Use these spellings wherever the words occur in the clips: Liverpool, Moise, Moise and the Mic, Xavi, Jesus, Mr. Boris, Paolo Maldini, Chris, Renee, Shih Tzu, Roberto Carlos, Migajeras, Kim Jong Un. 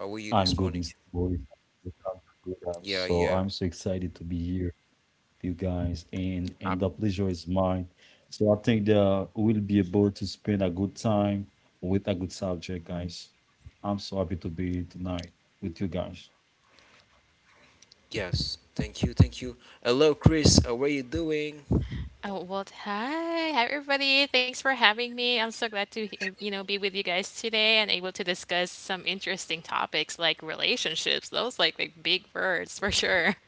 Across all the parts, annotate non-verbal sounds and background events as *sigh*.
I'm good, Mr. Boris. I'm good. I'm so excited to be here with you guys, and the pleasure is mine. So I think that we'll be able to spend a good time with a good subject, guys. I'm so happy to be here tonight with you guys. Oh, well, hi. Hi, everybody. Thanks for having me. I'm so glad to, he- be with you guys today and able to discuss some interesting topics like relationships. Those like big words for sure.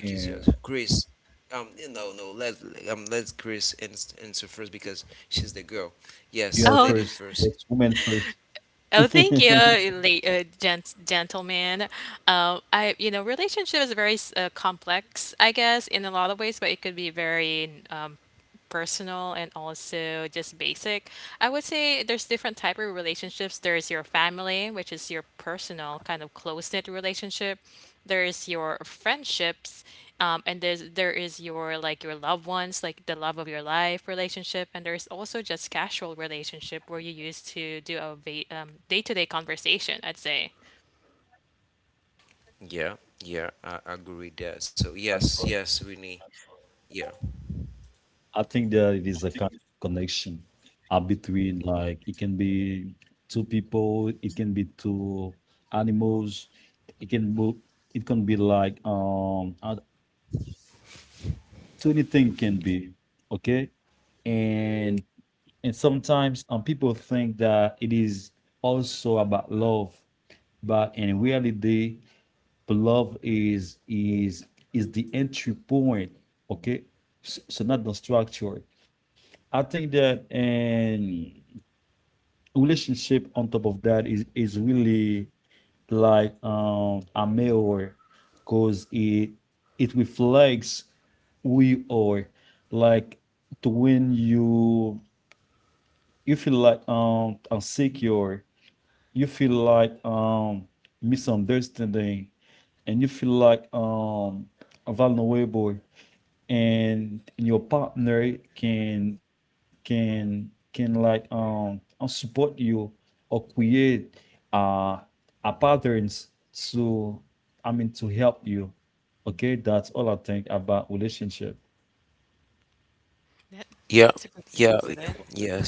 Yeah, girl Oh, first, yes, woman first. oh, *laughs* thank you, late gentleman. I, you know, relationship is very complex, I guess, in a lot of ways, but it could be very personal and also just basic. I would say there's different type of relationships. There's your family, which is your personal kind of close-knit relationship. There's your friendships, and there is your like your loved ones, like the love of your life relationship, and there's also just casual relationship where you used to do a day-to-day conversation, I'd say. I'm sorry. I think that it is a kind of connection between like it can be two people, it can be two animals, it can be it can be like to anything can be okay. And sometimes people think that it is also about love, but in reality but love is the entry point. Okay, so not the structure. I think that, and relationship on top of that is really like a mirror, because it reflects who you are. Like to when you feel like insecure, you feel like misunderstanding, and you feel like a vulnerable, and your partner can like support you or create uh a patterns to, I mean, to help you. Okay, that's all I think about relationship. That that's a good way to put it. I think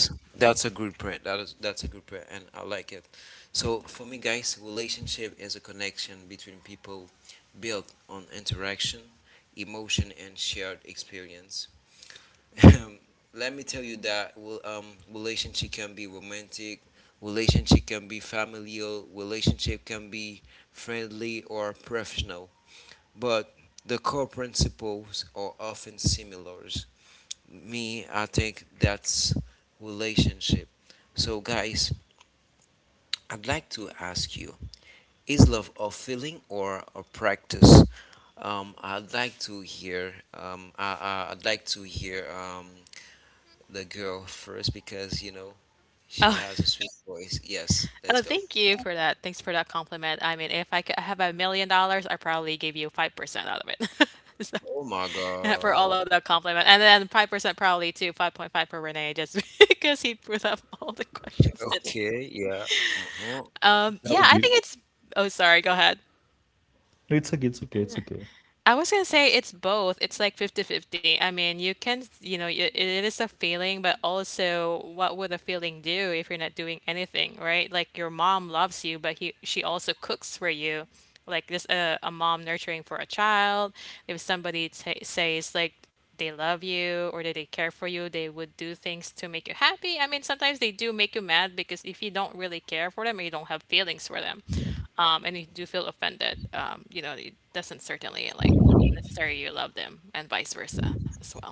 *laughs* Oh, thank you for that. Thanks for that compliment. I mean, if I could have $1 million, I probably give you 5% out of it. *laughs* So, *laughs* for all of that compliment. And then 5% probably too, 5.5 for Renee, just *laughs* because he put up all the questions today. that Yeah, would I be think it's. Oh, sorry, go ahead. it's okay, it's okay, it's okay. I was gonna say it's both. It's like 50-50. I mean, you can, you know, y- it is a feeling, but also what would a feeling do if you're not doing anything, right? Like your mom loves you, but she also cooks for you. Like this, a mom nurturing for a child. If somebody ta says like they love you or that they care for you, they would do things to make you happy. I mean, sometimes they do make you mad because if you don't really care for them or you don't have feelings for them, and you do feel offended, you know, it doesn't certainly like necessarily you love them, and vice versa as well.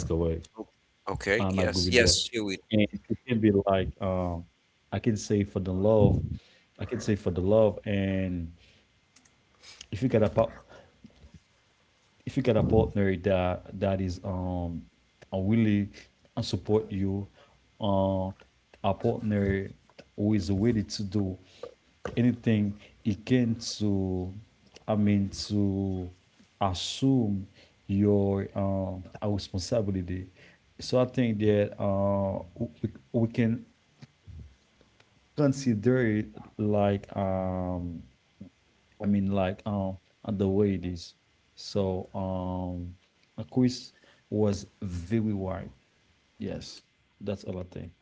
That's correct. I agree with that. And it can be like I can say for the love, I can say for the love, and if you got a pa- if you get a partner that is willing and support you, uh, a partner who is ready to do anything he can to, I mean to assume your responsibility. So I think that we can consider it like I mean, like the way it is. So a quiz was very wide. Yes, that's all I think.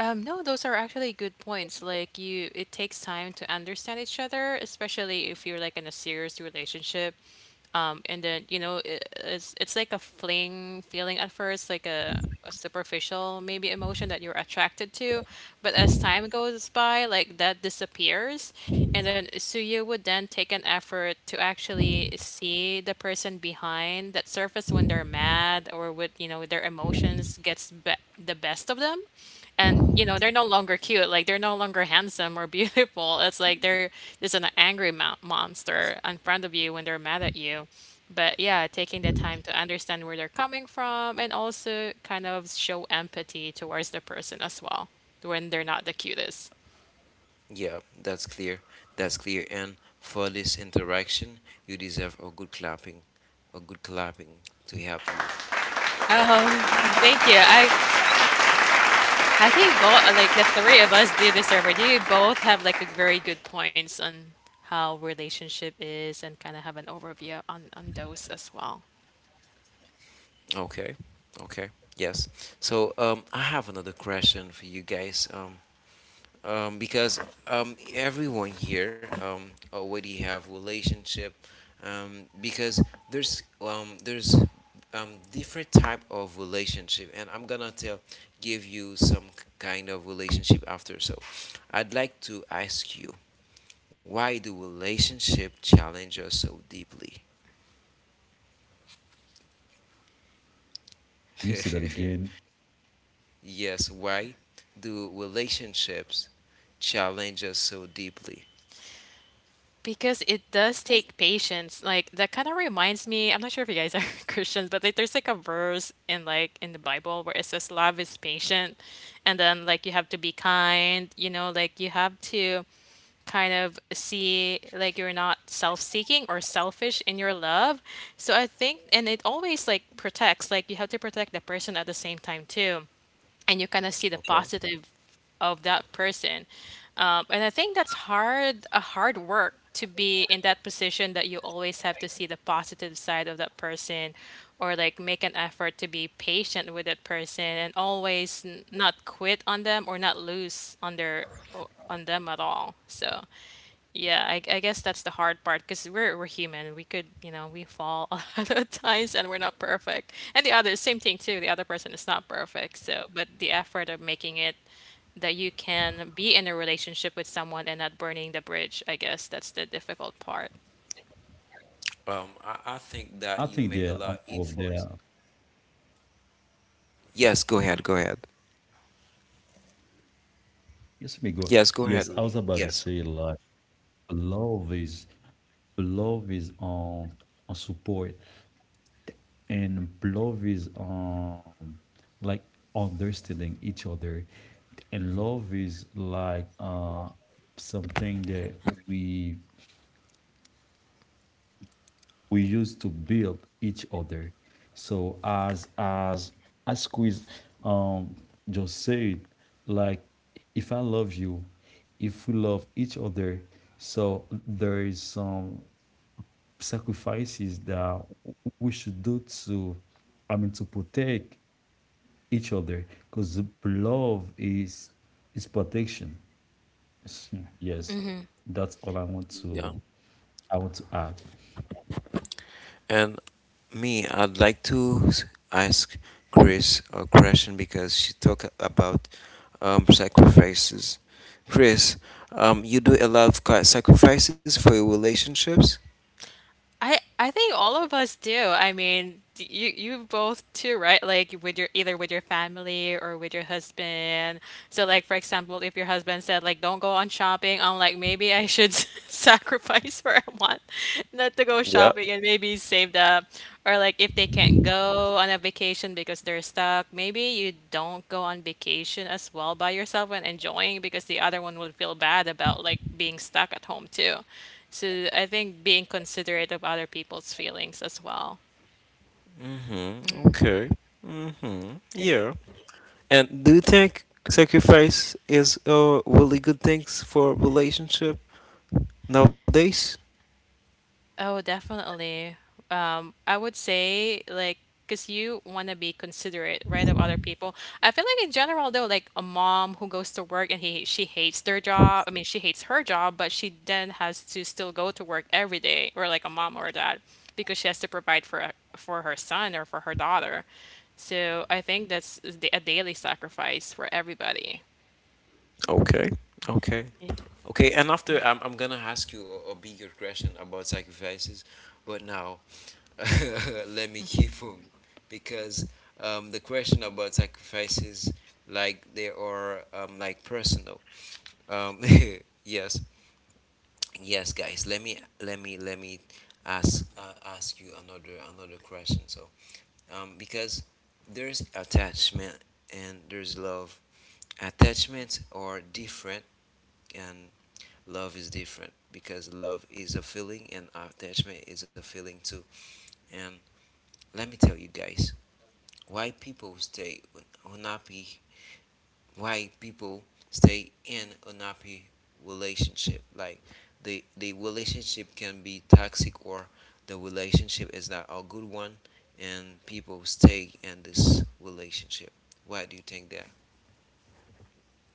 No, those are actually good points. Like you, it takes time to understand each other, especially if you're like in a serious relationship. And then you know, it's like a fling feeling at first, like a superficial maybe emotion that you're attracted to, but as time goes by, like that disappears, and then so you would then take an effort to actually see the person behind that surface when they're mad or with you know their emotions the best of them, and you know they're no longer cute, like they're no longer handsome or *laughs* beautiful. It's like they're just an angry monster in front of you when they're mad at you. But yeah, taking the time to understand where they're coming from and also kind of show empathy towards the person as well when they're not the cutest. Oh, *laughs* thank you. I think both like the three of us do this survey. You both have like a very good points on how relationship is and kind of have an overview on those as well. Can you say that again? Because it does take patience. Like that kind of reminds me, I'm not sure if you guys are *laughs* Christians, but like there's like a verse in like in the Bible where it says love is patient, and then like you have to be kind, you know, like you have to kind of see like you're not self-seeking or selfish in your love. So I think and it always like protects, like you have to protect the person at the same time too, and you kind of see the positive of that person. And I think that's hard, a hard work to be in that position that you always have to see the positive side of that person or like make an effort to be patient with that person and always not quit on them or not lose on them at all. So yeah, I guess that's the hard part because we're human. We could, you know, we fall *laughs* a lot of times and we're not perfect. And the other, same thing too. The other person is not perfect. So, but the effort of making it that you can be in a relationship with someone and not burning the bridge, I guess that's the difficult part. I think they're on top of there. Yes, let me go. Yes, I was about to say like love is love is on support, and love is like understanding each other, and love is like something that we we use to build each other. So as Quiz um just said, like if I love you, if we love each other, so there is some sacrifices that we should do to, I mean, to protect each other, because love is protection. *laughs* Yes, that's all I want to add. I think all of us do. I mean, you both too, right? Like with your either with your family or with your husband. So like for example, if your husband said like don't go on shopping, I'm like maybe I should *laughs* sacrifice for a month not to go shopping and maybe save up. Or like if they can't go on a vacation because they're stuck, maybe you don't go on vacation as well by yourself and enjoying because the other one would feel bad about like being stuck at home too. So I think being considerate of other people's feelings as well. Oh, definitely. I would say like because you want to be considerate, right, of other people. I feel like in general though, like a mom who goes to work and he she hates their job. I mean, she hates her job, but she then has to still go to work every day, or like a mom or a dad, because she has to provide for her son or for her daughter. So I think that's a daily sacrifice for everybody.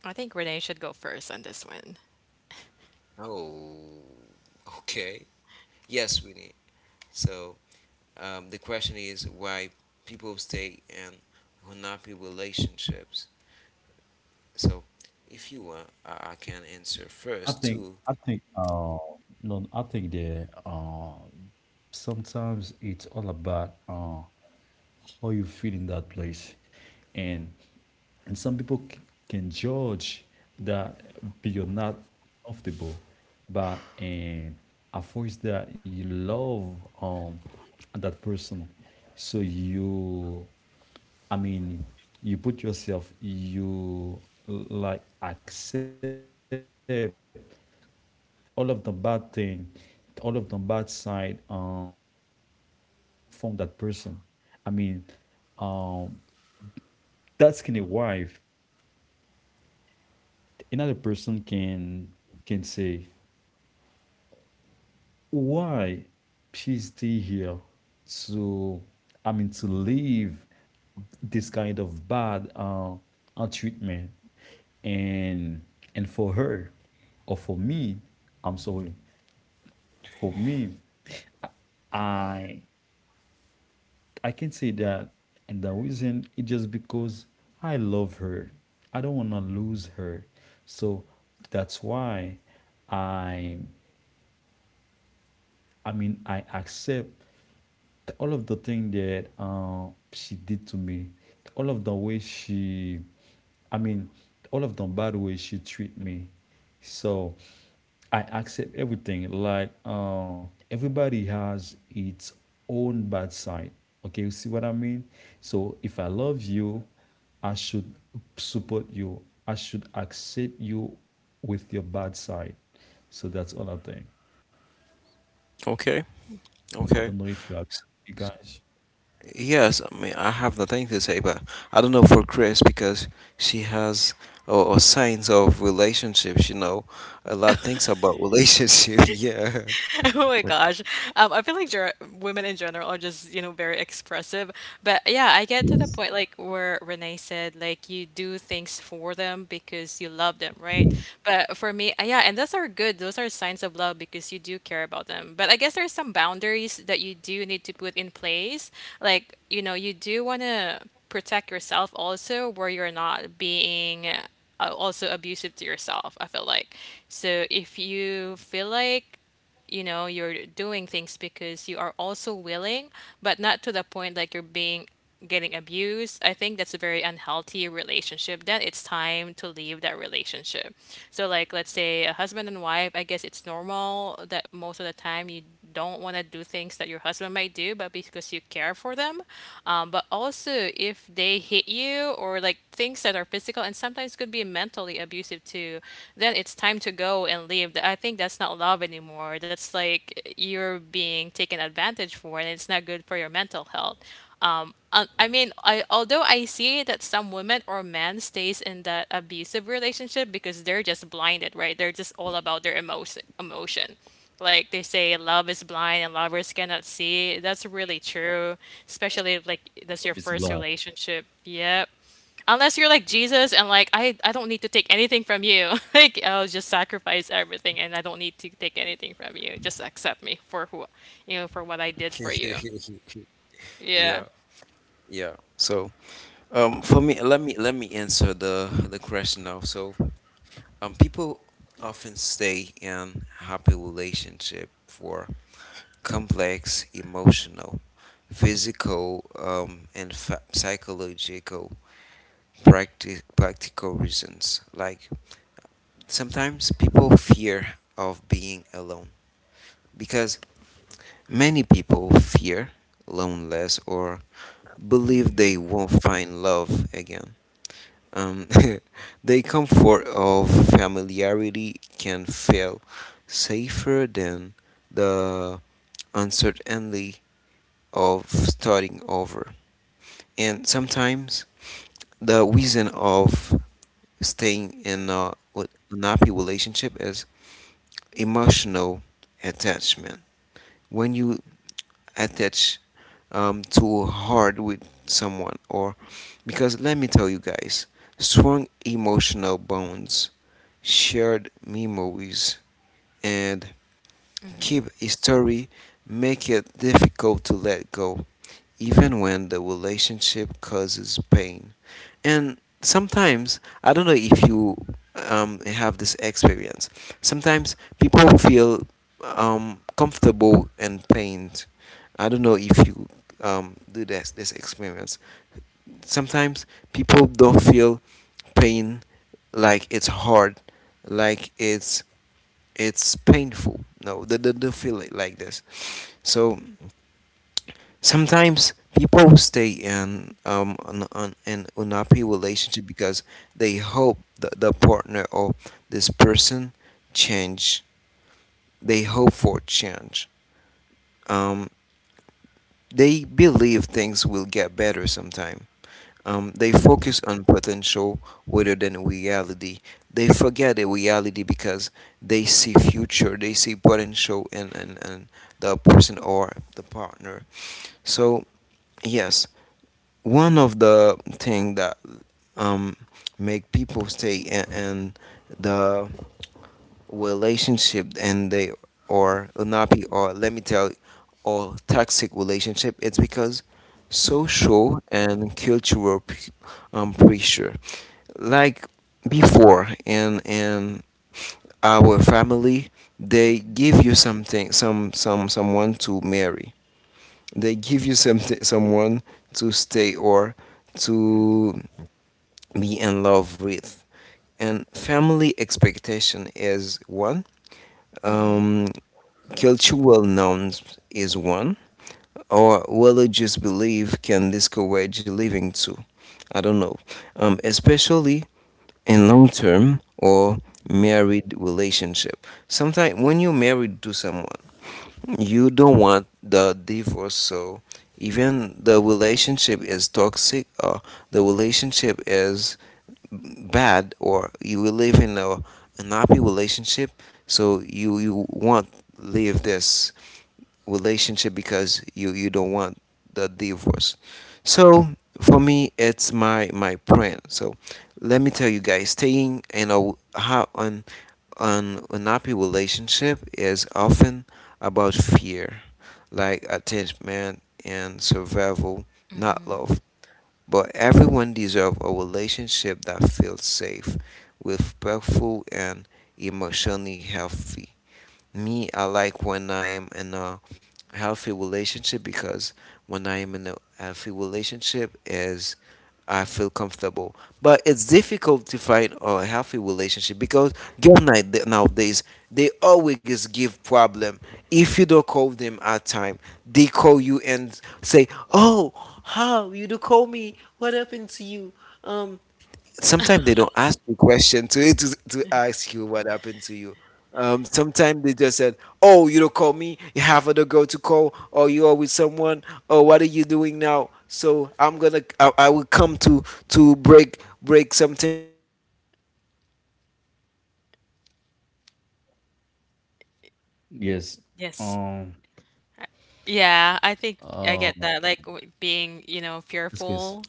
I think Renee should go first on this one. I think no I think the sometimes it's all about how you feel in that place, and some people can judge that you're not comfortable, but and at first that you love that person, so you, I mean, you put yourself, you like accept all of the bad thing, all of the bad side from that person. I mean, um that's can a wife. Another person can say why she's still here to, I mean, to leave this kind of bad treatment, and for her or for me, I'm sorry, for me, I I can say that, and the reason is just because I love her. I don't want to lose her. So that's why I, I mean, I accept all of the thing that she did to me, all of the way she, I mean, all of the bad way she treat me. So I accept everything. Like everybody has its own bad side. Okay, you see what I mean? So if I love you, I should support you. I should accept you with your bad side. So that's all I think. I don't know if you are you guys. *laughs* Oh my gosh. I feel like ger women in general are just, you know, very expressive. But yeah, I get to the point like where Renee said, like, you do things for them because you love them, right? But for me, yeah, and those are good. Those are signs of love because you do care about them. But I guess there's some boundaries that you do need to put in place. Like, you know, you do want to protect yourself also where you're not being also abusive to yourself, I feel like. So if you feel like you know you're doing things because you are also willing but not to the point like you're being getting abused, I think that's a very unhealthy relationship. Then it's time to leave that relationship. So like let's say a husband and wife, I guess it's normal that most of the time you don't want to do things that your husband might do, but because you care for them. But also, if they hit you or like things that are physical and sometimes could be mentally abusive too, then it's time to go and leave. I think that's not love anymore. That's like you're being taken advantage for, and it's not good for your mental health. I mean, I although I see that some women or men stays in that abusive relationship because they're just blinded, right? They're just all about their emotion. Like they say, love is blind and lovers cannot see. That's really true, especially if, like that's your Love is first blind. relationship. Yep. Unless you're like Jesus and like I don't need to take anything from you. *laughs* Like I'll just sacrifice everything and I don't need to take anything from you. Just accept me for who, you know, for what I did for you. Yeah. Yes. Yes. Um. Yeah, I think I get Yeah. That. Like being, you know, This case. fearful.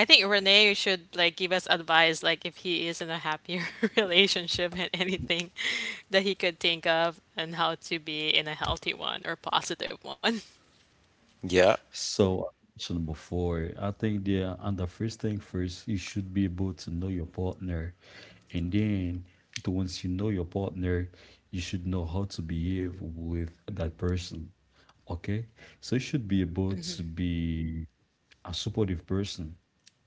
I think Renee should like give us advice, like if he is in a happier *laughs* relationship and anything that he could think of and how to be in a healthy one or positive one. *laughs* So I mentioned before, I think the and the first thing first, you should be able to know your partner, and then once you know your partner, you should know how to behave with that person. Okay. So you should be able to be a supportive person.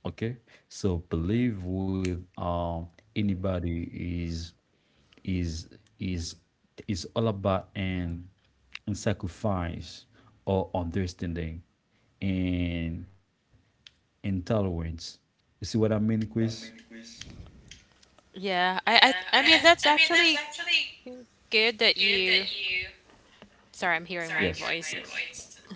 Okay. So believe with anybody is is is is all about an sacrifice or understanding and intolerance. You see what I mean, Points. Chris? See what I mean, Chris? Yeah, I Yeah, I I I, mean that's I mean, that's actually actually good that good you. that you. Sorry, I'm hearing Sorry, my Yes. I'm hearing voice. my Yes. voice.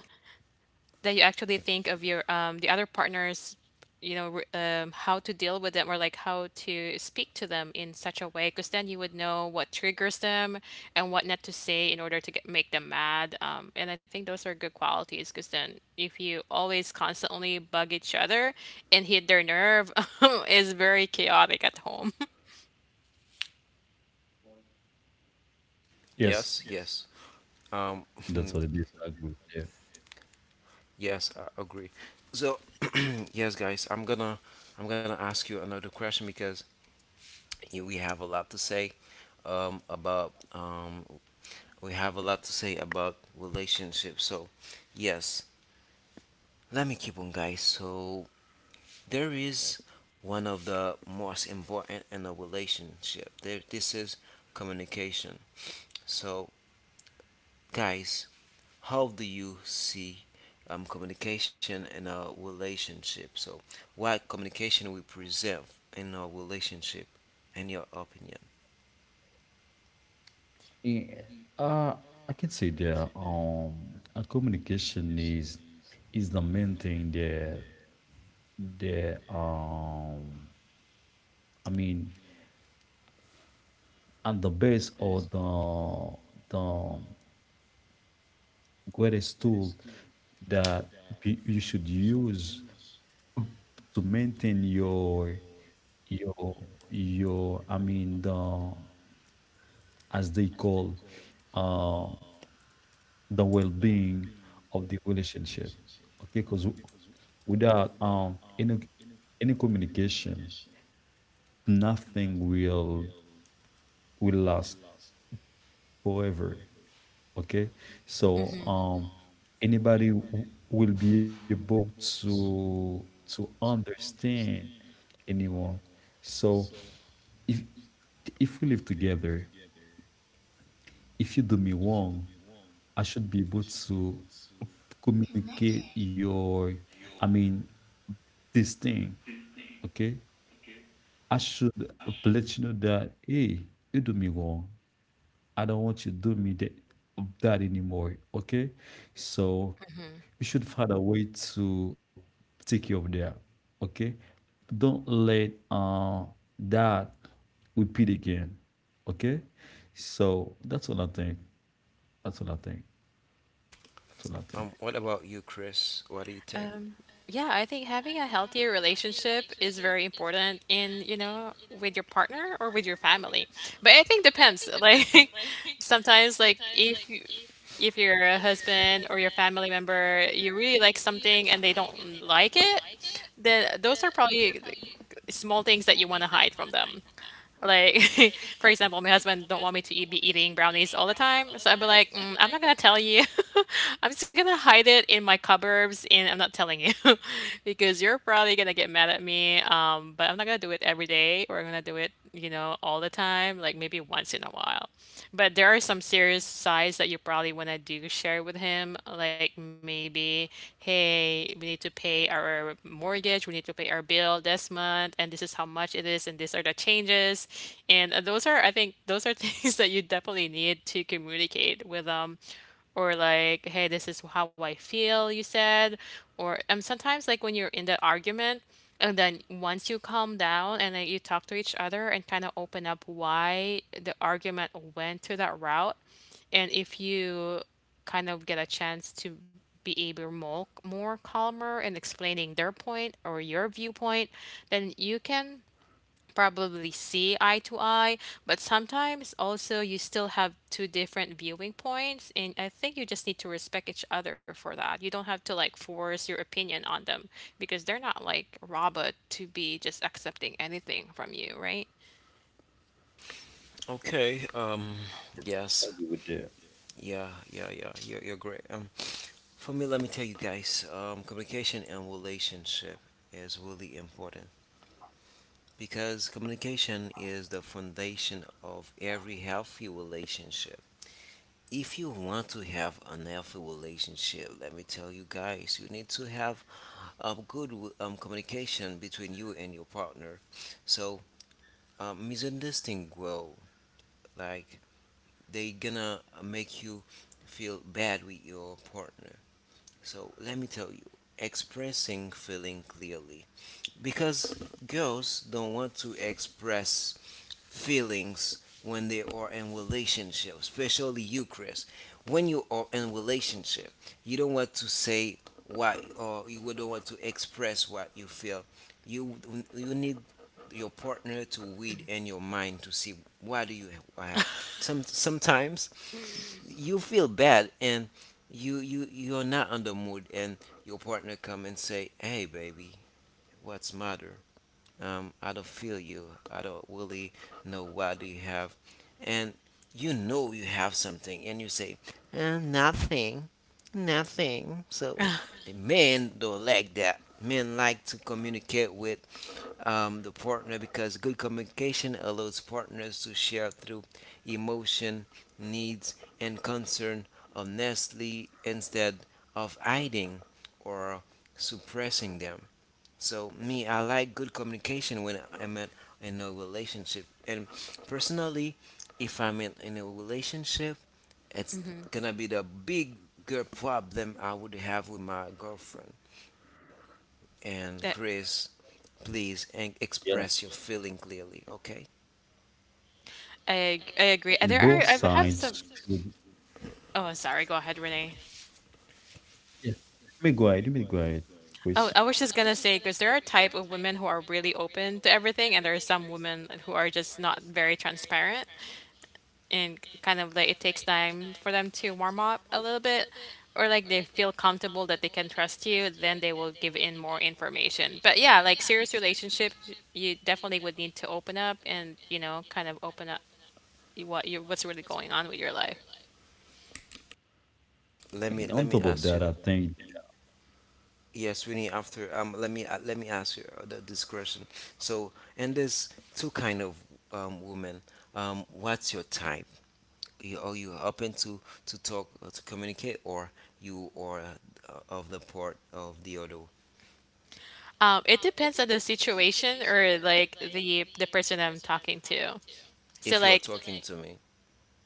That you actually think of your the other partners, you know, how to deal with them or like how to speak to them in such a way, because then you would know what triggers them and what not to say in order to get make them mad. And I think those are good qualities, because then if you always constantly bug each other and hit their nerve, *laughs* is very chaotic at home. Yes. Yes, yes. Yes. Um, That's what it is. I agree with *laughs* yes, I agree. So, yes, guys, I'm gonna ask you another question because we have a lot to say about we have a lot to say about relationships. So, yes, let me keep on, guys. So, there is one of the most important in a relationship. There, this is communication. So, guys, how do you see communication in a relationship? So, what communication we preserve in a relationship, in your opinion? you. Yeah. Uh, I can say that a communication is the main thing that that I mean, and the base or the greatest tool that you should use to maintain your I mean the, as they call, uh, the well-being of the relationship. Okay, because without any communication, nothing will last forever. Okay, so *laughs* anybody will be able to understand anyone. So if if we live together, if you do me wrong, I should be able to communicate Connected. your, I mean, this thing, okay? I should let you know that, hey, you do me wrong. I don't want you to do me that anymore, okay? So you should find a way to take care of that, okay? Don't let that repeat again, okay? So That's what I think. That's what I think. What about you, Chris? What do you think? Yeah, I think having a healthier relationship is very important in, you know, with your partner or with your family. But I think depends. *laughs* Like I think *laughs* sometimes like like if you if you're a husband yeah, or your family member, you really like something and they don't like I it, like it. then those are Those are probably probably the small things that you want to hide from them. Like, *laughs* for example, my husband don't want me to don't eat, want me be to eat, eating be eating brownies all the brownies all the time, so I'd time. be So like, I'd be mm, like, "I'm not gonna mm, I'm tell you. *laughs* I'm just gonna hide it in my cupboards, and I'm not telling you, *laughs* because you're probably gonna get mad at me. But I'm not gonna do it every day, or I'm gonna do it, all the time. Like maybe once in a while. But there are some serious sides that you probably wanna do share with him, like maybe, hey, we need to pay our mortgage, we need to pay our bill this month, and this is how much it is, and these are changes or the changes. And those are, I think, those are *laughs* things that you definitely need to communicate with them. Or like, hey, this is how I feel, you said. Or sometimes like when you're in the argument, and then once you calm down and then you talk to each other and kind of open up why the argument went to that route, and if you kind of get a chance to be able more calmer and explaining their point or your viewpoint, then you can probably see eye to eye, but sometimes also you still have two different viewing points, and I think you just need to respect each other for that. You don't have to like force your opinion on them because they're not like robot to be just accepting anything from you, right? okay. That Yes. we would do. Yeah. Yeah. Yeah. You're great. For me, let me tell you guys. Communication and relationship is really important because communication is the foundation of every healthy relationship. If you want to have an healthy relationship, let me tell you guys, you need to have good communication between you and your partner. So misunderstanding grow. Like they gonna make you feel bad with your partner. So let me tell you, expressing feeling clearly because girls don't want to express feelings when they are in relationship, especially you, Chris. When you are in relationship, you don't want to say why, or you don't want to express what you feel. You you need your partner to read in your mind to see what do you have. Some sometimes you feel bad and you're not on the mood and your partner come and say, "Hey, baby, what's matter?" I don't feel you. I don't really know what do you have, and you know you have something, and you say nothing, nothing. So men don't like that. Men like to communicate with the partner because good communication allows partners to share through emotion, needs, and concern honestly instead of hiding or suppressing them. So me, I like good communication when I'm in a relationship. And personally, if I'm in a relationship, it's gonna be the bigger problem I would have with my girlfriend. And That Chris, please and Yeah. express your feeling clearly, okay? I agree. And There both are I have some. sides should. Oh, sorry. Go ahead, Renee. Yes. Let me go ahead. Oh, Please. I was just gonna say because there are type of women who are really open to everything, and there are some women who are just not very transparent, and kind of like it takes time for them to warm up a little bit or like they feel comfortable that they can trust you, then they will give in more information. But yeah, like serious relationship, you definitely would need to open up and, kind of open up what you what's really going on with your life. Let me And on ask top of you. that, I think Yes, we need after. Let me ask you the discretion. So, and there's two kind of women. What's your type? You are you open to talk to communicate or you are of the part of the other It depends on the situation or like the person I'm talking to. So if you are like, talking to me,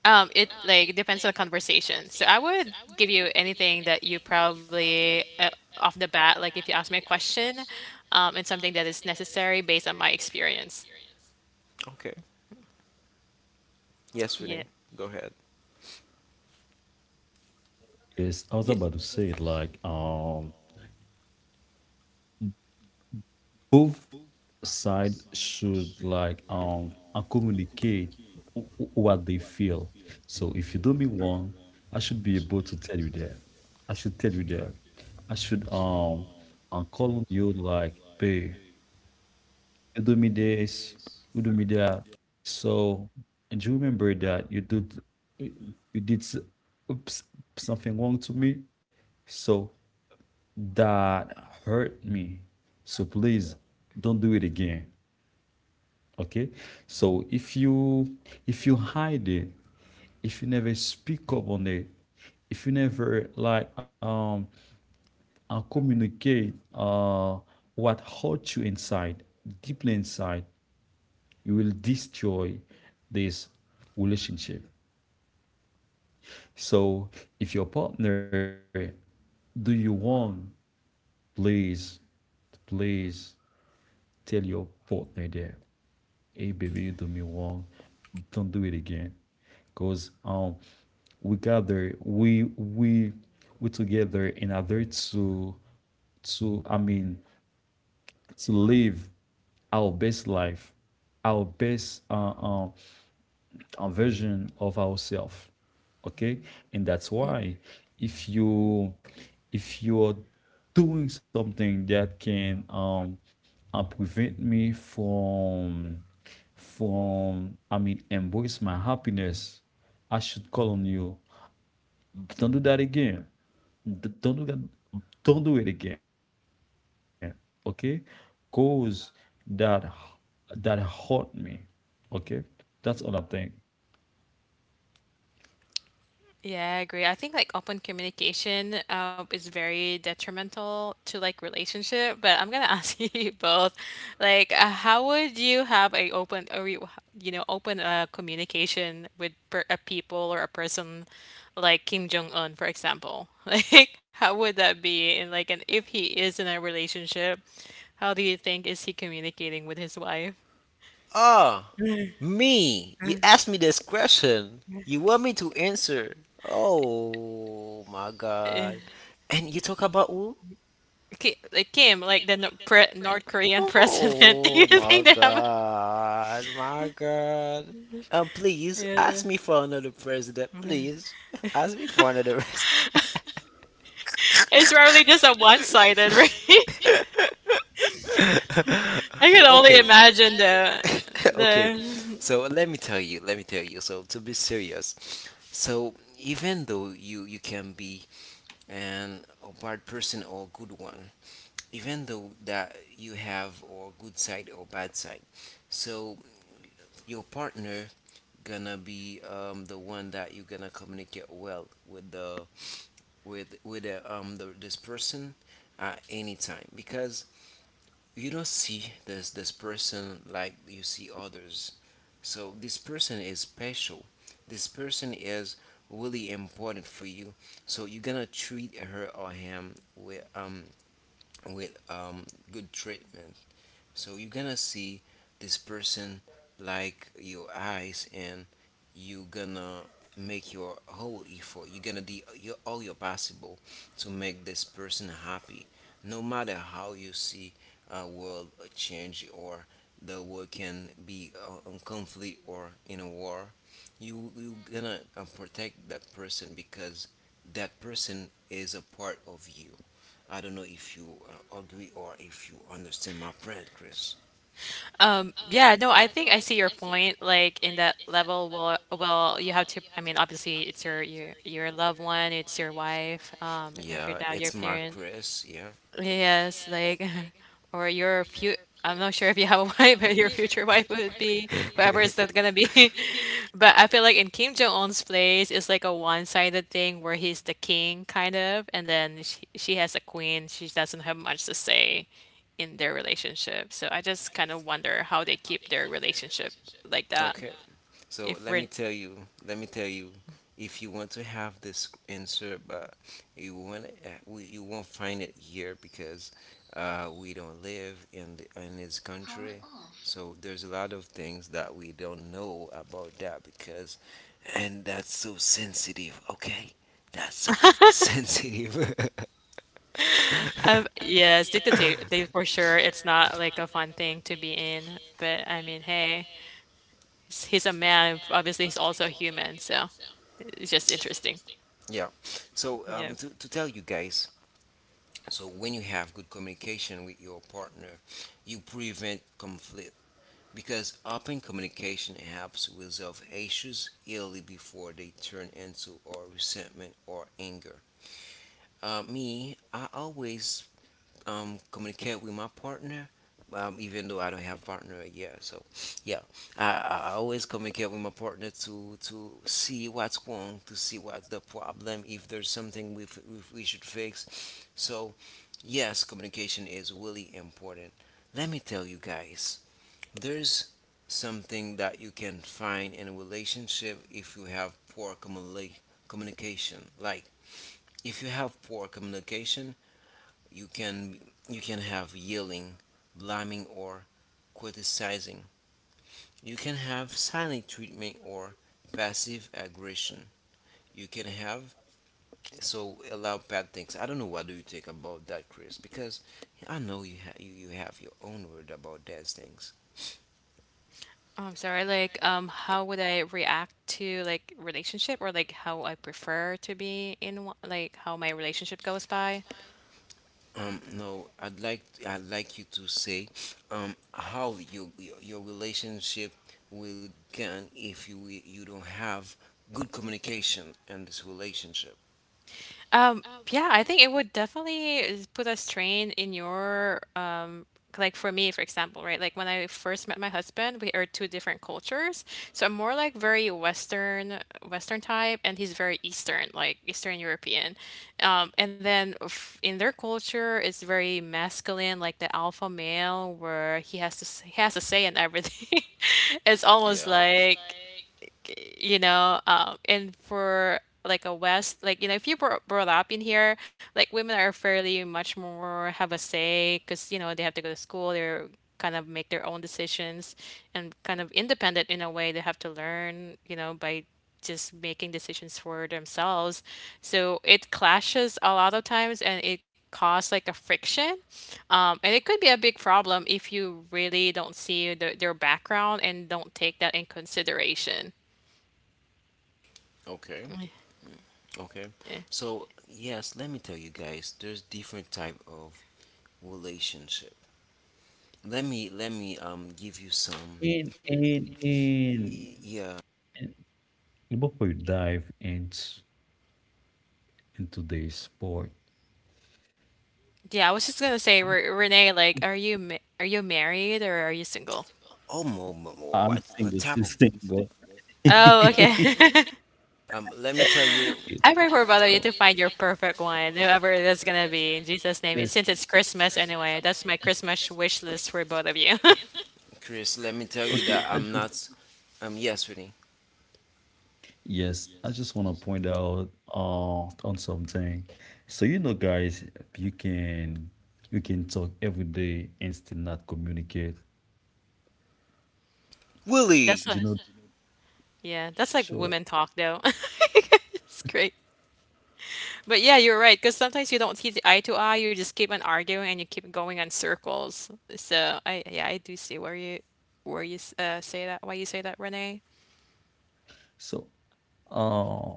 It like depends on the conversation. So I would give you anything that you probably off the bat, like if you ask me a question, and something that is necessary based on my experience. okay, yes, Renee, Yeah. go ahead, is I was about to yeah. say it like both sides should like communicate what they feel. So if you do me wrong, I should be able to tell you that. I should tell you that. I should and call on you like, babe, you do me this, you do me that. So, and you remember that you did you you did s- oops, something wrong to me. So that hurt me. So please don't do it again. Okay. So if you hide it, if you never speak up on it, if you never like communicate what hurt you inside, deeply inside, you will destroy this relationship. So if your partner, do you want, please, please tell your partner there, hey baby, you do me wrong. Don't do it again. Cause we gather, we we together in order to, I mean, to live our best life, our best a version of ourselves, okay? And that's why if you, if you're doing something that can prevent me from, I mean, embrace my happiness, I should call on you. Don't do that again. don't do that don't do it again, okay? Cause that, that hurt me, okay? That's all I think. Yeah, I agree. I think like open communication is very detrimental to like relationship, but I'm gonna *laughs* ask you both, like, how would you have a open or you know open communication with per a people or a person like Kim Jong Un, for example? *laughs* Like, how would that be? And like, and if he is in a relationship, how do you think is he communicating with his wife? Ah, me, you asked me this question, you want me to answer? Oh my god, and you talk about who? Ki like Kim, like the Nor- pre North Korean *laughs* president, *laughs* do you Oh my think they have a god, my god. And please ask me for another president, Yeah. please. *laughs* Ask me for another president. It's *laughs* It's rarely just a really one-sided, *laughs* insulted, right? right? *laughs* I can I can only okay. *laughs* Only imagine imagine that. *laughs* Okay. But the so let me tell you, let me tell you. So to be serious, so even though you can be an a bad person or a good one, even though that you have or good side or bad side, so your partner gonna be the one that you're gonna communicate well with the with the, this person at any time because you don't see this person like you see others, so this person is special, this person is really important for you, so you're gonna treat her or him with with um good treatment. So you're gonna see this person like your eyes, and you gonna make your whole effort. You're gonna do your, all your possible to make this person happy, no matter how you see a world change or the world can be in conflict or in a war. You gonna protect that person because that person is a part of you. I don't know if you agree or if you understand my point, Chris. Yeah, no, I think I see your point. Like in that level, well, you have to. I mean, obviously, it's your loved one, it's your wife. If your Yeah, dad, your it's yes, my parent. Chris. Yeah. Yes, like, *laughs* or your few. I'm not sure if you have a *laughs* wife, but your future wife would be whoever is that gonna be. *laughs* But I feel like in Kim Jong Un's place, it's like a one-sided thing where he's the king, kind of, and then she has a queen. She doesn't have much to say in their relationship. So I just kind of wonder how they keep their relationship like that. Okay, yeah, so If let me we're, tell you. Let me tell you. If you want to have this answer, but you won't, you won't find it here because we don't live in the, in this country. Off, so there's a lot of things that we don't know about that because, and that's so sensitive. Okay, that's so *laughs* sensitive. *laughs* I yes, dictator, they for sure, it's not like a fun thing to be in. But I mean, hey. S- he's a man. Obviously, he's also a human, so it's just interesting. Yeah. So Yeah. To tell you guys, so when you have good communication with your partner, you prevent conflict because open communication helps resolve issues early before they turn into or resentment or anger. Me, I always communicate with my partner, even though I don't have partner yet. So, yeah, I always communicate with my partner to see what's wrong, to see what's the problem, if there's something we f- we should fix. So, yes, communication is really important. Let me tell you guys, there's something that you can find in a relationship if you have communication. Like, if you have poor communication, you can you can have yelling, blaming or criticizing. You can have silent treatment or passive aggression. You can have so allow bad things. I don't know what do you think about that, Chris? Because I know you have your own word about those things. I'm sorry. Like, how would I react to like relationship or like how I prefer to be in one, like how my relationship goes by? No, I'd like you to say how you, your relationship will can if you don't have good communication in this relationship. Um, yeah, I think it would definitely is- put a strain in your like for me, for example, right? Like when I first met my husband, we are two different cultures. So I'm more like very Western Western type and he's very Eastern, like Eastern European. And then f- in their culture it's very masculine, like the alpha male where he has to s- he has to say in everything. *laughs* It's almost Yeah. like and for like a West, like, you know, if you were brought up in here, like women are fairly much more have a say because, you know, they have to go to school, they're kind of make their own decisions and kind of independent in a way. They have to learn, you know, by just making decisions for themselves. So it clashes a lot of times and it causes like a friction. And it could be a big problem if you really don't see the, their background and don't take that in consideration. Okay. Okay. Yeah. So, yes, let me tell you guys, there's different type of relationship. Let me give you some and and and yeah. And people will dive into the sport. Yeah, I was just gonna say, Re Renee, like, are you ma are you married or are you single? Oh, I'm what single, type still of single. *laughs* Oh, okay. okay. *laughs* Um, let me tell you, Okay, I pray for both of you so to find your perfect one, whoever that's gonna be, in Jesus' name. yeah, It- since it's Christmas anyway, that's my Christmas wish list for both of you. *laughs* Chris, let me tell you okay, that I I'm just not yes, Winnie. yes, I just want to point out on something. So you know, guys, you can, you can talk every day and still not communicate. That's Willie. what, Do you know? yeah, that's like Sure. women talk though. *laughs* It's great. But yeah, you're right, because sometimes you don't see the eye to eye, you just keep on arguing and you keep going on circles. So I, yeah, I do see where you s- say that, why you say that, Renee. So uh,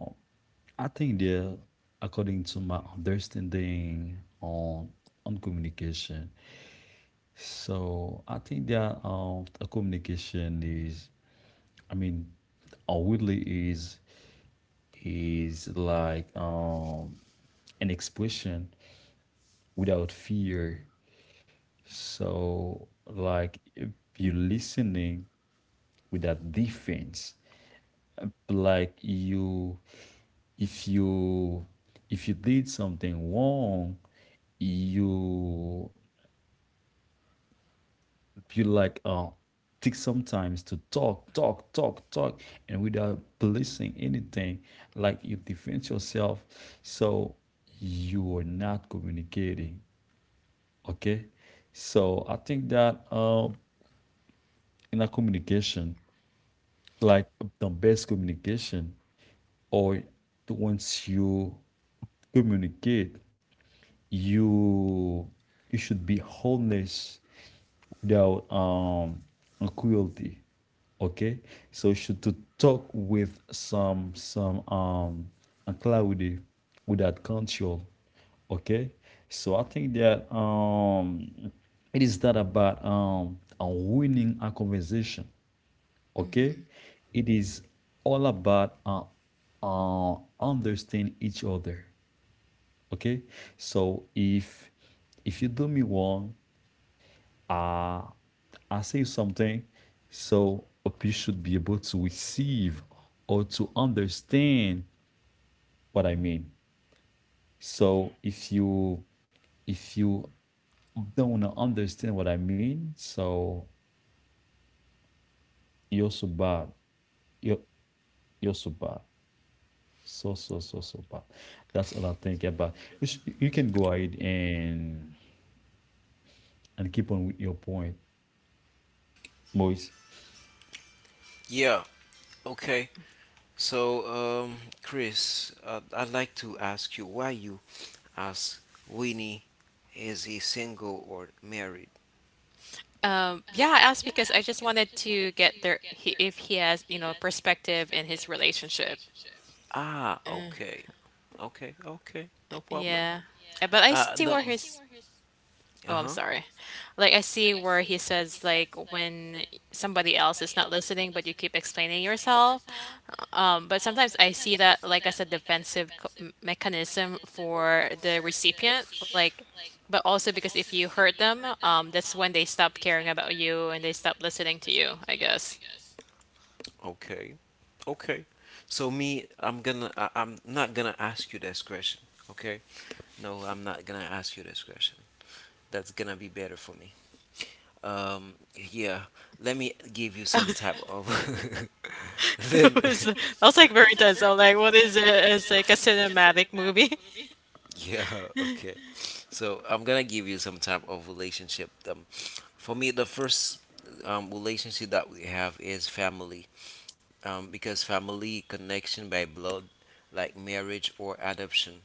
I think there, according to my understanding on communication. So I think that a communication is, I mean, outwardly is like an expression without fear. So like if you're listening without defense, like you, if you, if you did something wrong, you, if you like, take some times to talk, talk, talk, talk, and without policing anything, like you defend yourself, so you are not communicating. Okay, so I think that in a communication, like the best communication, or once you communicate, you you should be honest without cruelty, okay? So you should to talk with some clarity without control, okay? So I think that it is not about winning a conversation, okay? It is all about understand each other, okay? So if you do me wrong, I I say something, so you should be able to receive or to understand what I mean. So if you, if you don't wanna understand what I mean, so you're so bad. You're you're so bad. So so bad. That's all I think about. You, you can go ahead and keep on with your point, Moise. Yeah. Okay. So, um, Chris, I'd like to ask you why you as Winnie, is he single or married? Yeah, I asked because I just wanted to get their he, if he has, you know, perspective in his relationship. Ah, okay. Okay, okay. No problem. Yeah. But I see No. where his Uh oh, I'm huh. sorry. Like I see where he says like when somebody else is not listening, but you keep explaining yourself. But sometimes I see that like as a defensive co- mechanism for the recipient, like but also because if you hurt them, that's when they stop caring about you and they stop listening to you, I guess. Okay. Okay. So me, I'm gonna. I'm not gonna ask you this question. Okay. No, I'm not gonna ask you this question. That's gonna be better for me. Yeah. Let me give you some type of. *laughs* *laughs* Let me- It was that was *laughs* like very *laughs* intense. I'm like, what is it? It's like a cinematic movie. Yeah, *laughs* okay. So I'm gonna give you some type of relationship. For me, the first relationship that we have is family. Because family connection by blood, like marriage or adoption.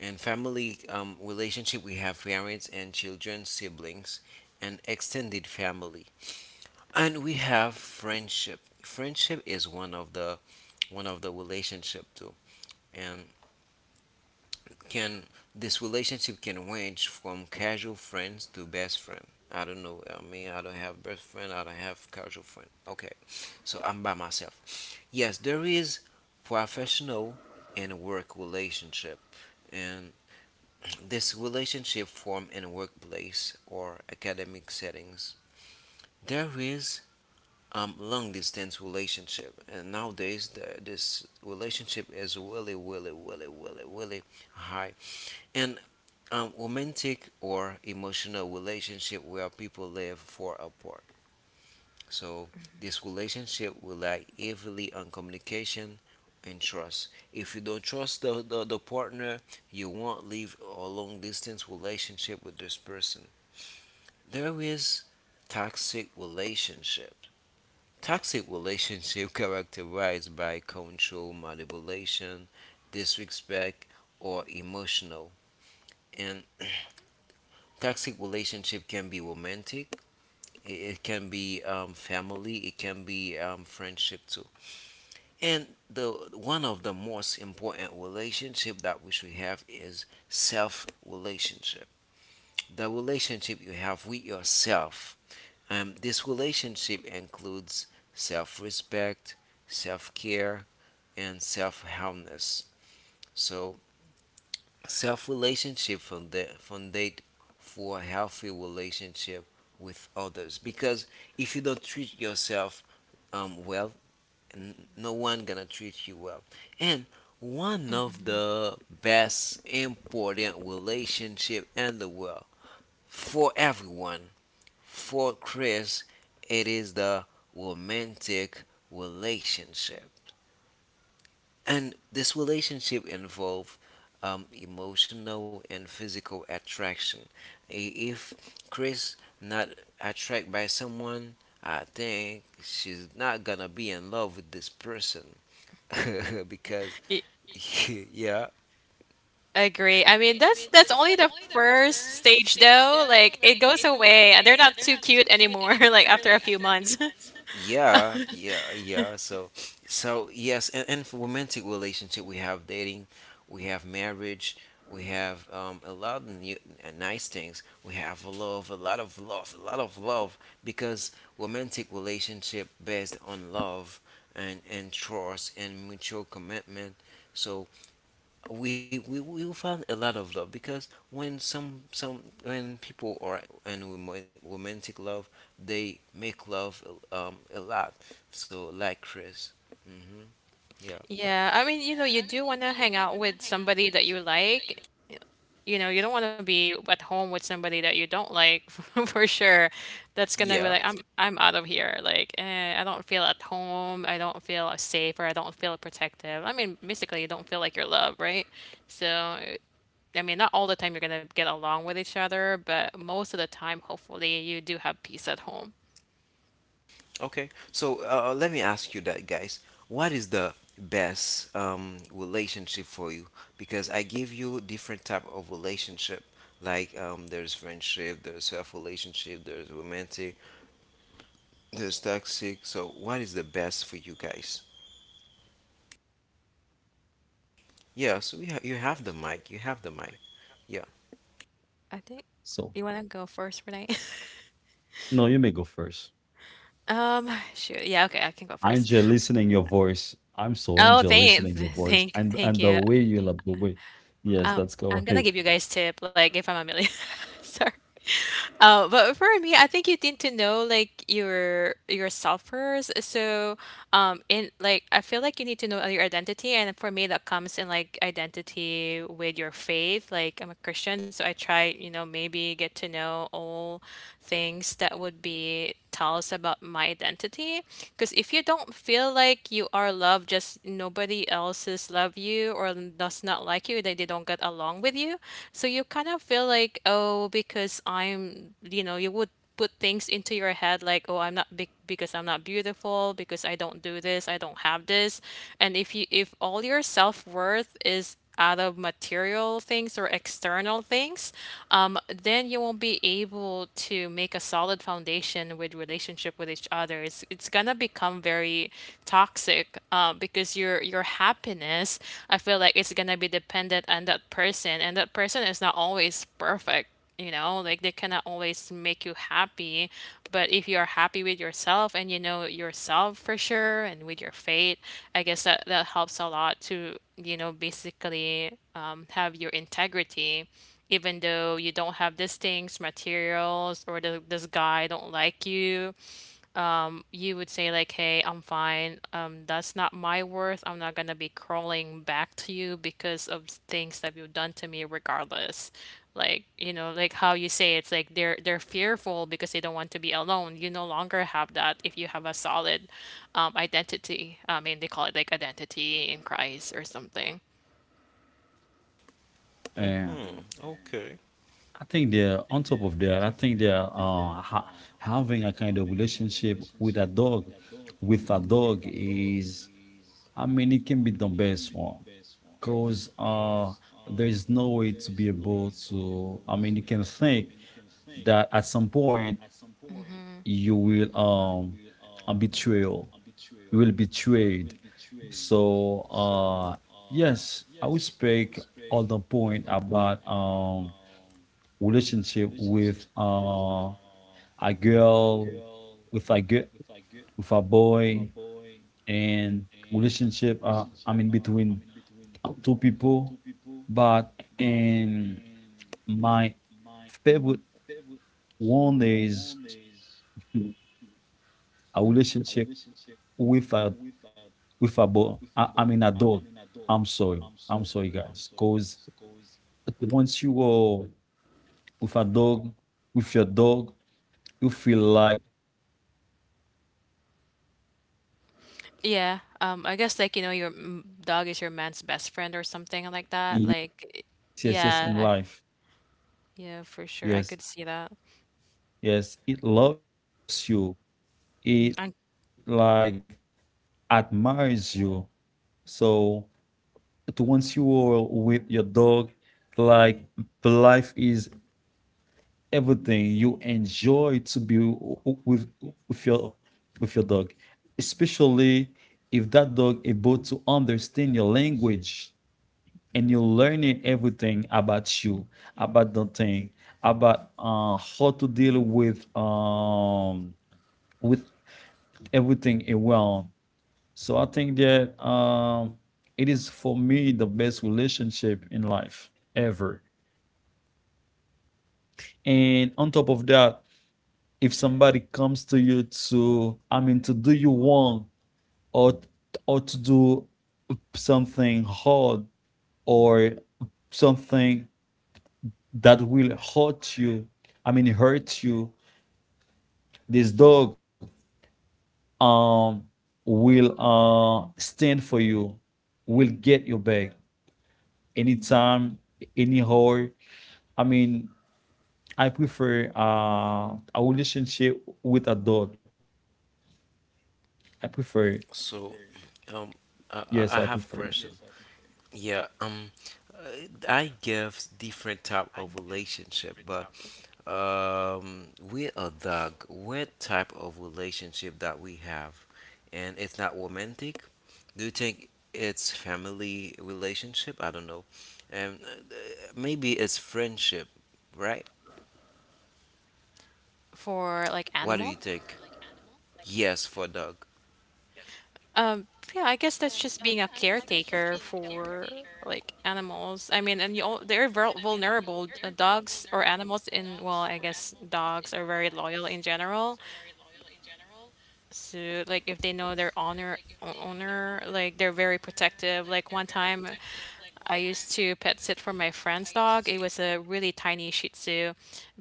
And family relationship, we have parents and children, siblings, and extended family. And we have friendship. Friendship is one of the relationship too. And can this relationship can range from casual friends to best friend. I don't know. I mean, I don't have best friend. I don't have casual friend. Okay, so I'm by myself. Yes, there is professional and work relationship, and this relationship form in workplace or academic settings. There is long distance relationship, and nowadays the, this relationship is really, really, really, really, really high and romantic or emotional relationship where people live for apart. So this relationship rely heavily on communication and trust. If you don't trust the partner, you won't live a long distance relationship with this person. There is toxic relationship. Toxic relationship *laughs* characterized by control, manipulation, disrespect, or emotional and *clears throat* toxic relationship can be romantic, it can be family, it can be friendship too. And the one of the most important relationship that we should have is self relationship, the relationship you have with yourself. Um, this relationship includes self-respect, self-care, and self-harmness. So self relationship fundate for a healthy relationship with others because if you don't treat yourself well, no one gonna treat you well. And one of the best important relationship in the world for everyone, for Chris, it is the romantic relationship. And this relationship involve emotional and physical attraction. If Chris not attracted by someone, I think she's not gonna be in love with this person *laughs* because *laughs* Y- *laughs* yeah, agree. I mean, that's only the first stage though. Like it goes away and they're not too cute anymore, *laughs* like after a few months. *laughs* yeah, yeah, yeah. So, so yes, and for romantic relationship, we have dating, we have marriage, we have a lot of new, nice things. We have love, a lot of love, a lot of love, because romantic relationship based on love and trust and mutual commitment. So we will find a lot of love because when some when people are in romantic love they make love a lot, so like Chris hmm yeah Yeah, I mean, you know, you do want to hang out with somebody that you like. You know, you don't want to be at home with somebody that you don't like *laughs* for sure. That's gonna yeah be like, that's I'm out of here. Like, eh, I don't feel at home. I don't feel safe or I don't feel protective. I mean, basically, you don't feel like you're loved, right? So, I mean, not all the time you're gonna get along with each other, but most of the time, hopefully, you do have peace at home. okay. So let me ask you that, guys, what is the best relationship for you, because I give you different type of relationship, like there's friendship, there's self relationship, there's romantic, there's toxic, so what is the best for you guys? Yeah, so we ha you have the mic. You have the mic. Yeah. I think So you want to go first, Renee. *laughs* no, you may go first. Shoot, yeah, okay, I can go I first. enjoy listening your voice. I'm so Oh, enjoy *laughs* listening your voice and thank the you. way you love the way. Yes, that's I'm gonna correct. give you guys tip, like if I'm a millionaire. *laughs* Sorry. But for me, I think you need to know like your yourself first. So, in like I feel like you need to know your identity, and for me, that comes in like identity with your faith. Like I'm a Christian, so I try, you know, maybe get to know all things that would be tell us about my identity because if you don't feel like you are loved just nobody else's love you or does not like you, they don't get along with you, so you kind of feel like, oh, because i'm, you know, you would put things into your head like, oh, I'm not big because I'm not beautiful, because I don't do this, I don't have this. And if you, if all your self-worth is out of material things or external things, then you won't be able to make a solid foundation with relationship with each other. It's gonna become very toxic because your happiness, I feel like it's gonna be dependent on that person, and that person is not always perfect, you know, like they cannot always make you happy, but if you are happy with yourself and you know yourself for sure and with your fate, I guess that that helps a lot to, you know, basically have your integrity even though you don't have these things materials or the, this guy don't like you would say like, "Hey, I'm fine. That's not my worth. I'm not gonna be crawling back to you because of things that you've done to me, regardless." Like, you know, like how you say it's like they're fearful because they don't want to be alone. You no longer have that if you have a solid identity. I mean, they call it like identity in Christ or something. Hmm. And I think they're on top of that. I think they're having a kind of relationship with a dog. With a dog is, I mean, it can be the best one, because there is no way to be able to. I mean, you can think that at some point you will a betrayal will betrayed. So yes, I will speak on the point about relationship with a girl with a girl with a boy, and relationship, I mean, between two people, but in my favorite one is a relationship with a, with a but I mean, a dog. I'm sorry. I'm sorry, guys. Because once you go with a dog, with your dog, you feel like you are a good person. Yeah. I guess like, you know, your It dog is your loves man's you. best friend or something like that. Like, Yes, yeah, yes, yes, yes. In life, yeah, for sure. I could see that. yes, yes. It loves you. It like admires you. So once you are with your dog, like life is everything you enjoy to be with with your with your dog, especially if that dog able to understand your language, and you're learning everything about you, about the thing, about how to deal with with everything around. So I think that it is for me the best relationship in life ever. And on top of that, if somebody comes to you to, I mean, to do you wrong, or to do something hard, or something that will hurt you, i mean hurt you this dog um will stand for you, will get your back anytime, any hour. I mean, I prefer a relationship with a dog. i prefer So, um, yes I I prefer. have a question. Yeah. I give different type of relationship, but we a dog. What type of relationship that we have, and it's not romantic. Do you think it's family relationship? I don't know. And maybe it's friendship, right? For like What do you animal. think? Yes, for dog. Um, yeah, I guess that's just being a caretaker for like animals. I mean, and you all, they're vulnerable. Dogs or animals in, well, I guess dogs are very loyal in general. So, like, if they know their honor owner, like they're very protective. Like one time, I used to pet sit for my friend's dog. It was a really tiny Shih Tzu,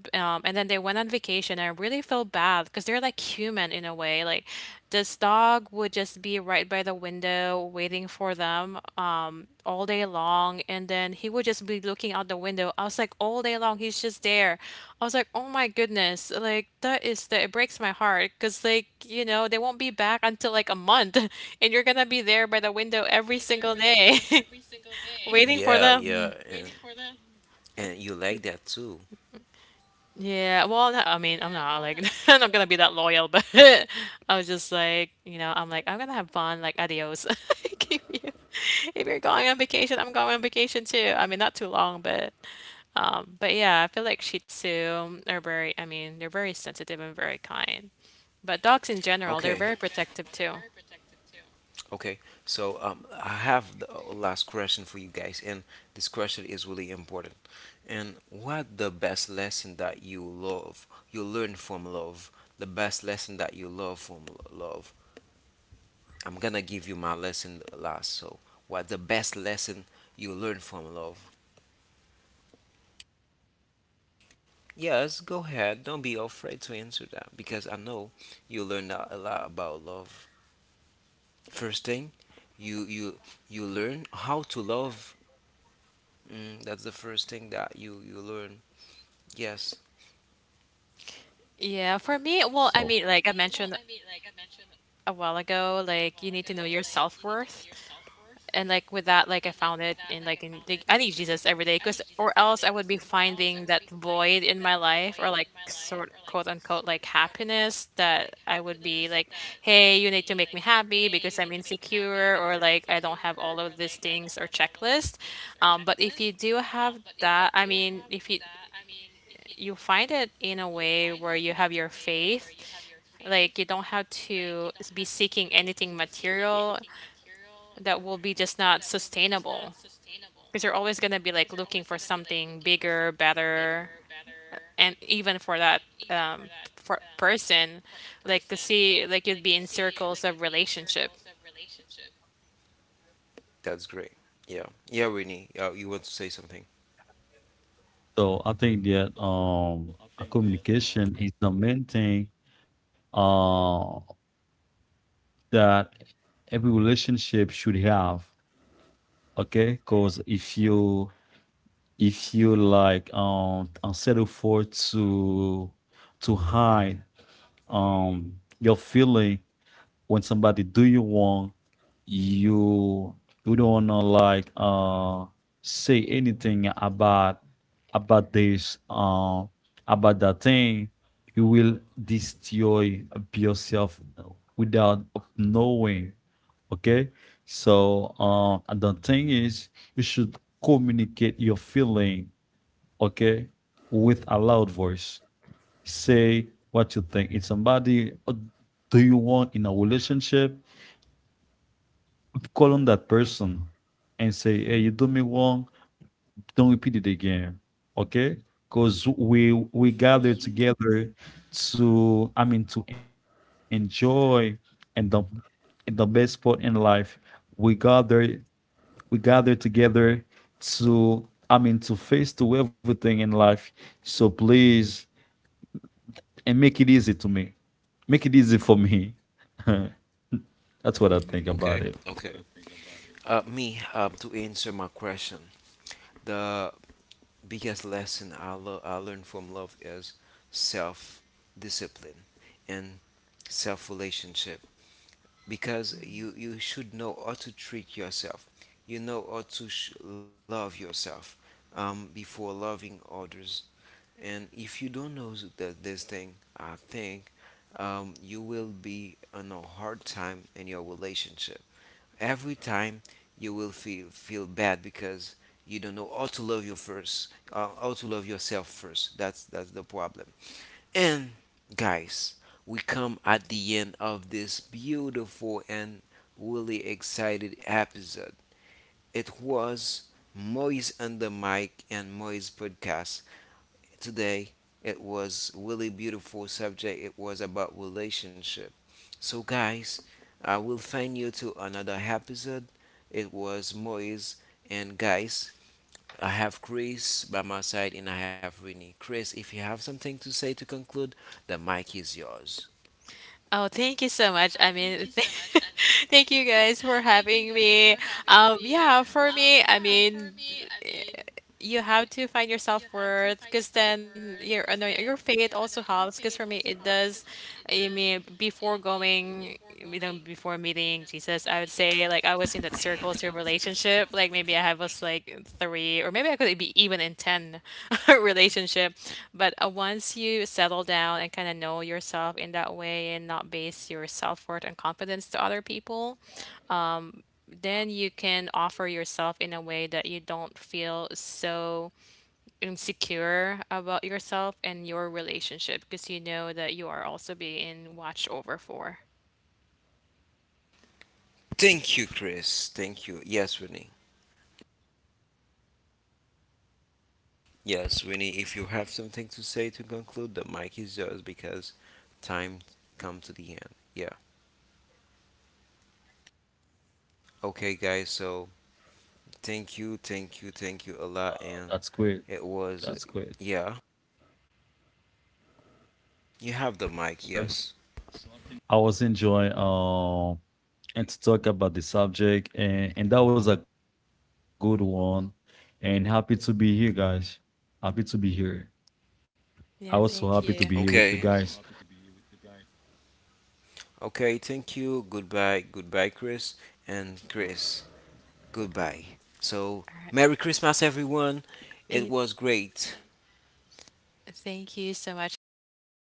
And then they went on vacation. I really felt bad because they're like human in a way. Like this dog would just be right by the window waiting for them, all day long. And then he would just be looking out the window. I was like, all day long, he's just there. I was like, oh my goodness. Like, that is that it breaks my heart because, like, you know, they won't be back until like a month. *laughs* And you're going to be there by the window every single day *laughs* *laughs* waiting for Yeah, yeah, them. And you like that too. Yeah, well, no, I mean, I'm not like *laughs* I'm not gonna be that loyal, but *laughs* I was just like, you know, I'm like, I'm gonna have fun, like, adios. *laughs* Like, if you're going on vacation, I'm going on vacation too. I mean, not too long, but yeah, I feel like Shih Tzu are very, I mean, they're very sensitive and very kind. But dogs in But general, they're okay, very protective too. okay. So I have the last question for you guys, and this question is really important. And what the best lesson that you love, you learn from love, the best lesson that you love from love. I'm gonna give you my lesson last. So, what the best lesson you learn from love? Yes, go ahead. Don't be afraid to answer that because I know you learn a lot about love. First thing, you you you learn how to love. Mm, that's the first thing that you learn. Yes, Yeah, So for me, well, I mean, like I mentioned a while ago, like you need to know your self-worth. And, like, with that, like, I found it in, like, in the I need Jesus every day, cause or else I would be finding that void in my life or, like, sort quote, unquote, like, happiness that I would be like, "Hey, you need to make me happy because I'm insecure," or, like, "I don't have all of these things or checklist." But if you do have that I mean, if you find it in a way where you have your faith, like, you don't have to be seeking anything material that will be just not sustainable because you're always going to be like looking for something bigger, better, and even for that um for person, like to see like you'd be in circles of relationship. that's great. Yeah, yeah, Winnie. You want to say something? I think that communication is the main thing uh that every relationship should have. Okay, because if you, if you like settle for to hide your feeling when somebody do you wrong, you you don't wanna like say anything about this about that thing. You will destroy yourself without knowing. Okay, so and the thing is, you should communicate your feeling. Okay, with a loud voice, say what you think. If somebody do you want in a relationship, call on that person and say, "Hey, you do me wrong. Don't repeat it again." Okay? Because we gather together to, I mean, to enjoy and the best part in life. We gather we gather together to, I mean, to face to everything in life. So please, and make it easy to me. Make it easy for me. *laughs* That's what I think Okay, about it. okay. Me. To answer my question, the biggest lesson I learned from love is self discipline and self relationship. Because you should know how to treat yourself. You know how to love yourself before loving others. And if you don't know that this thing, I think you will be on a hard time in your relationship. Every time you will feel feel bad because you don't know how to love you first, how to love yourself first. That's the problem. And guys, we come at the end of this beautiful and really excited episode. It was Moise and the Mic and Moise podcast. Today it was really beautiful subject. It was about relationship. So guys, I will find you to another episode. It was Moise, and guys, I have Chris by my side and I have Winnie. Chris, if you have something to say to conclude, the mic is yours. Oh, thank you so much. I mean, th *laughs* thank you guys for having me. Yeah, for me, I mean, you have to find your self-worth because then your no, your faith also helps because for me it does. I mean before going, you know, before meeting Jesus I would say like I was in that circle to relationship, like maybe I have was like three or maybe I could be even in 10 *laughs* relationship, but once you settle down and kind of know yourself in that way and not base your self-worth and confidence to other people, then you can offer yourself in a way that you don't feel so insecure about yourself and your relationship because you know that you are also being watched over for. Thank you, Chris. Thank you. Yes, Winnie. Yes, Winnie, if you have something to say to conclude, the mic is yours because time come to the end. Yeah. Okay, guys, so thank you, thank you, thank you a lot, and it was yeah. So I think that You have the mic, yes. I was enjoying and to talk about the subject, and that was a good one. And happy to be here, guys. Happy to be here. Yeah, Happy to thank be you. here. Okay. I was so happy to be here with you Okay, guys. thank you. Hope to Goodbye. see you Goodbye, soon. Chris and Chris. *laughs* That's Goodbye. going. So, All right. Merry Christmas, everyone. It Eh, So was great Thank you y- so much. Have a yes, good day.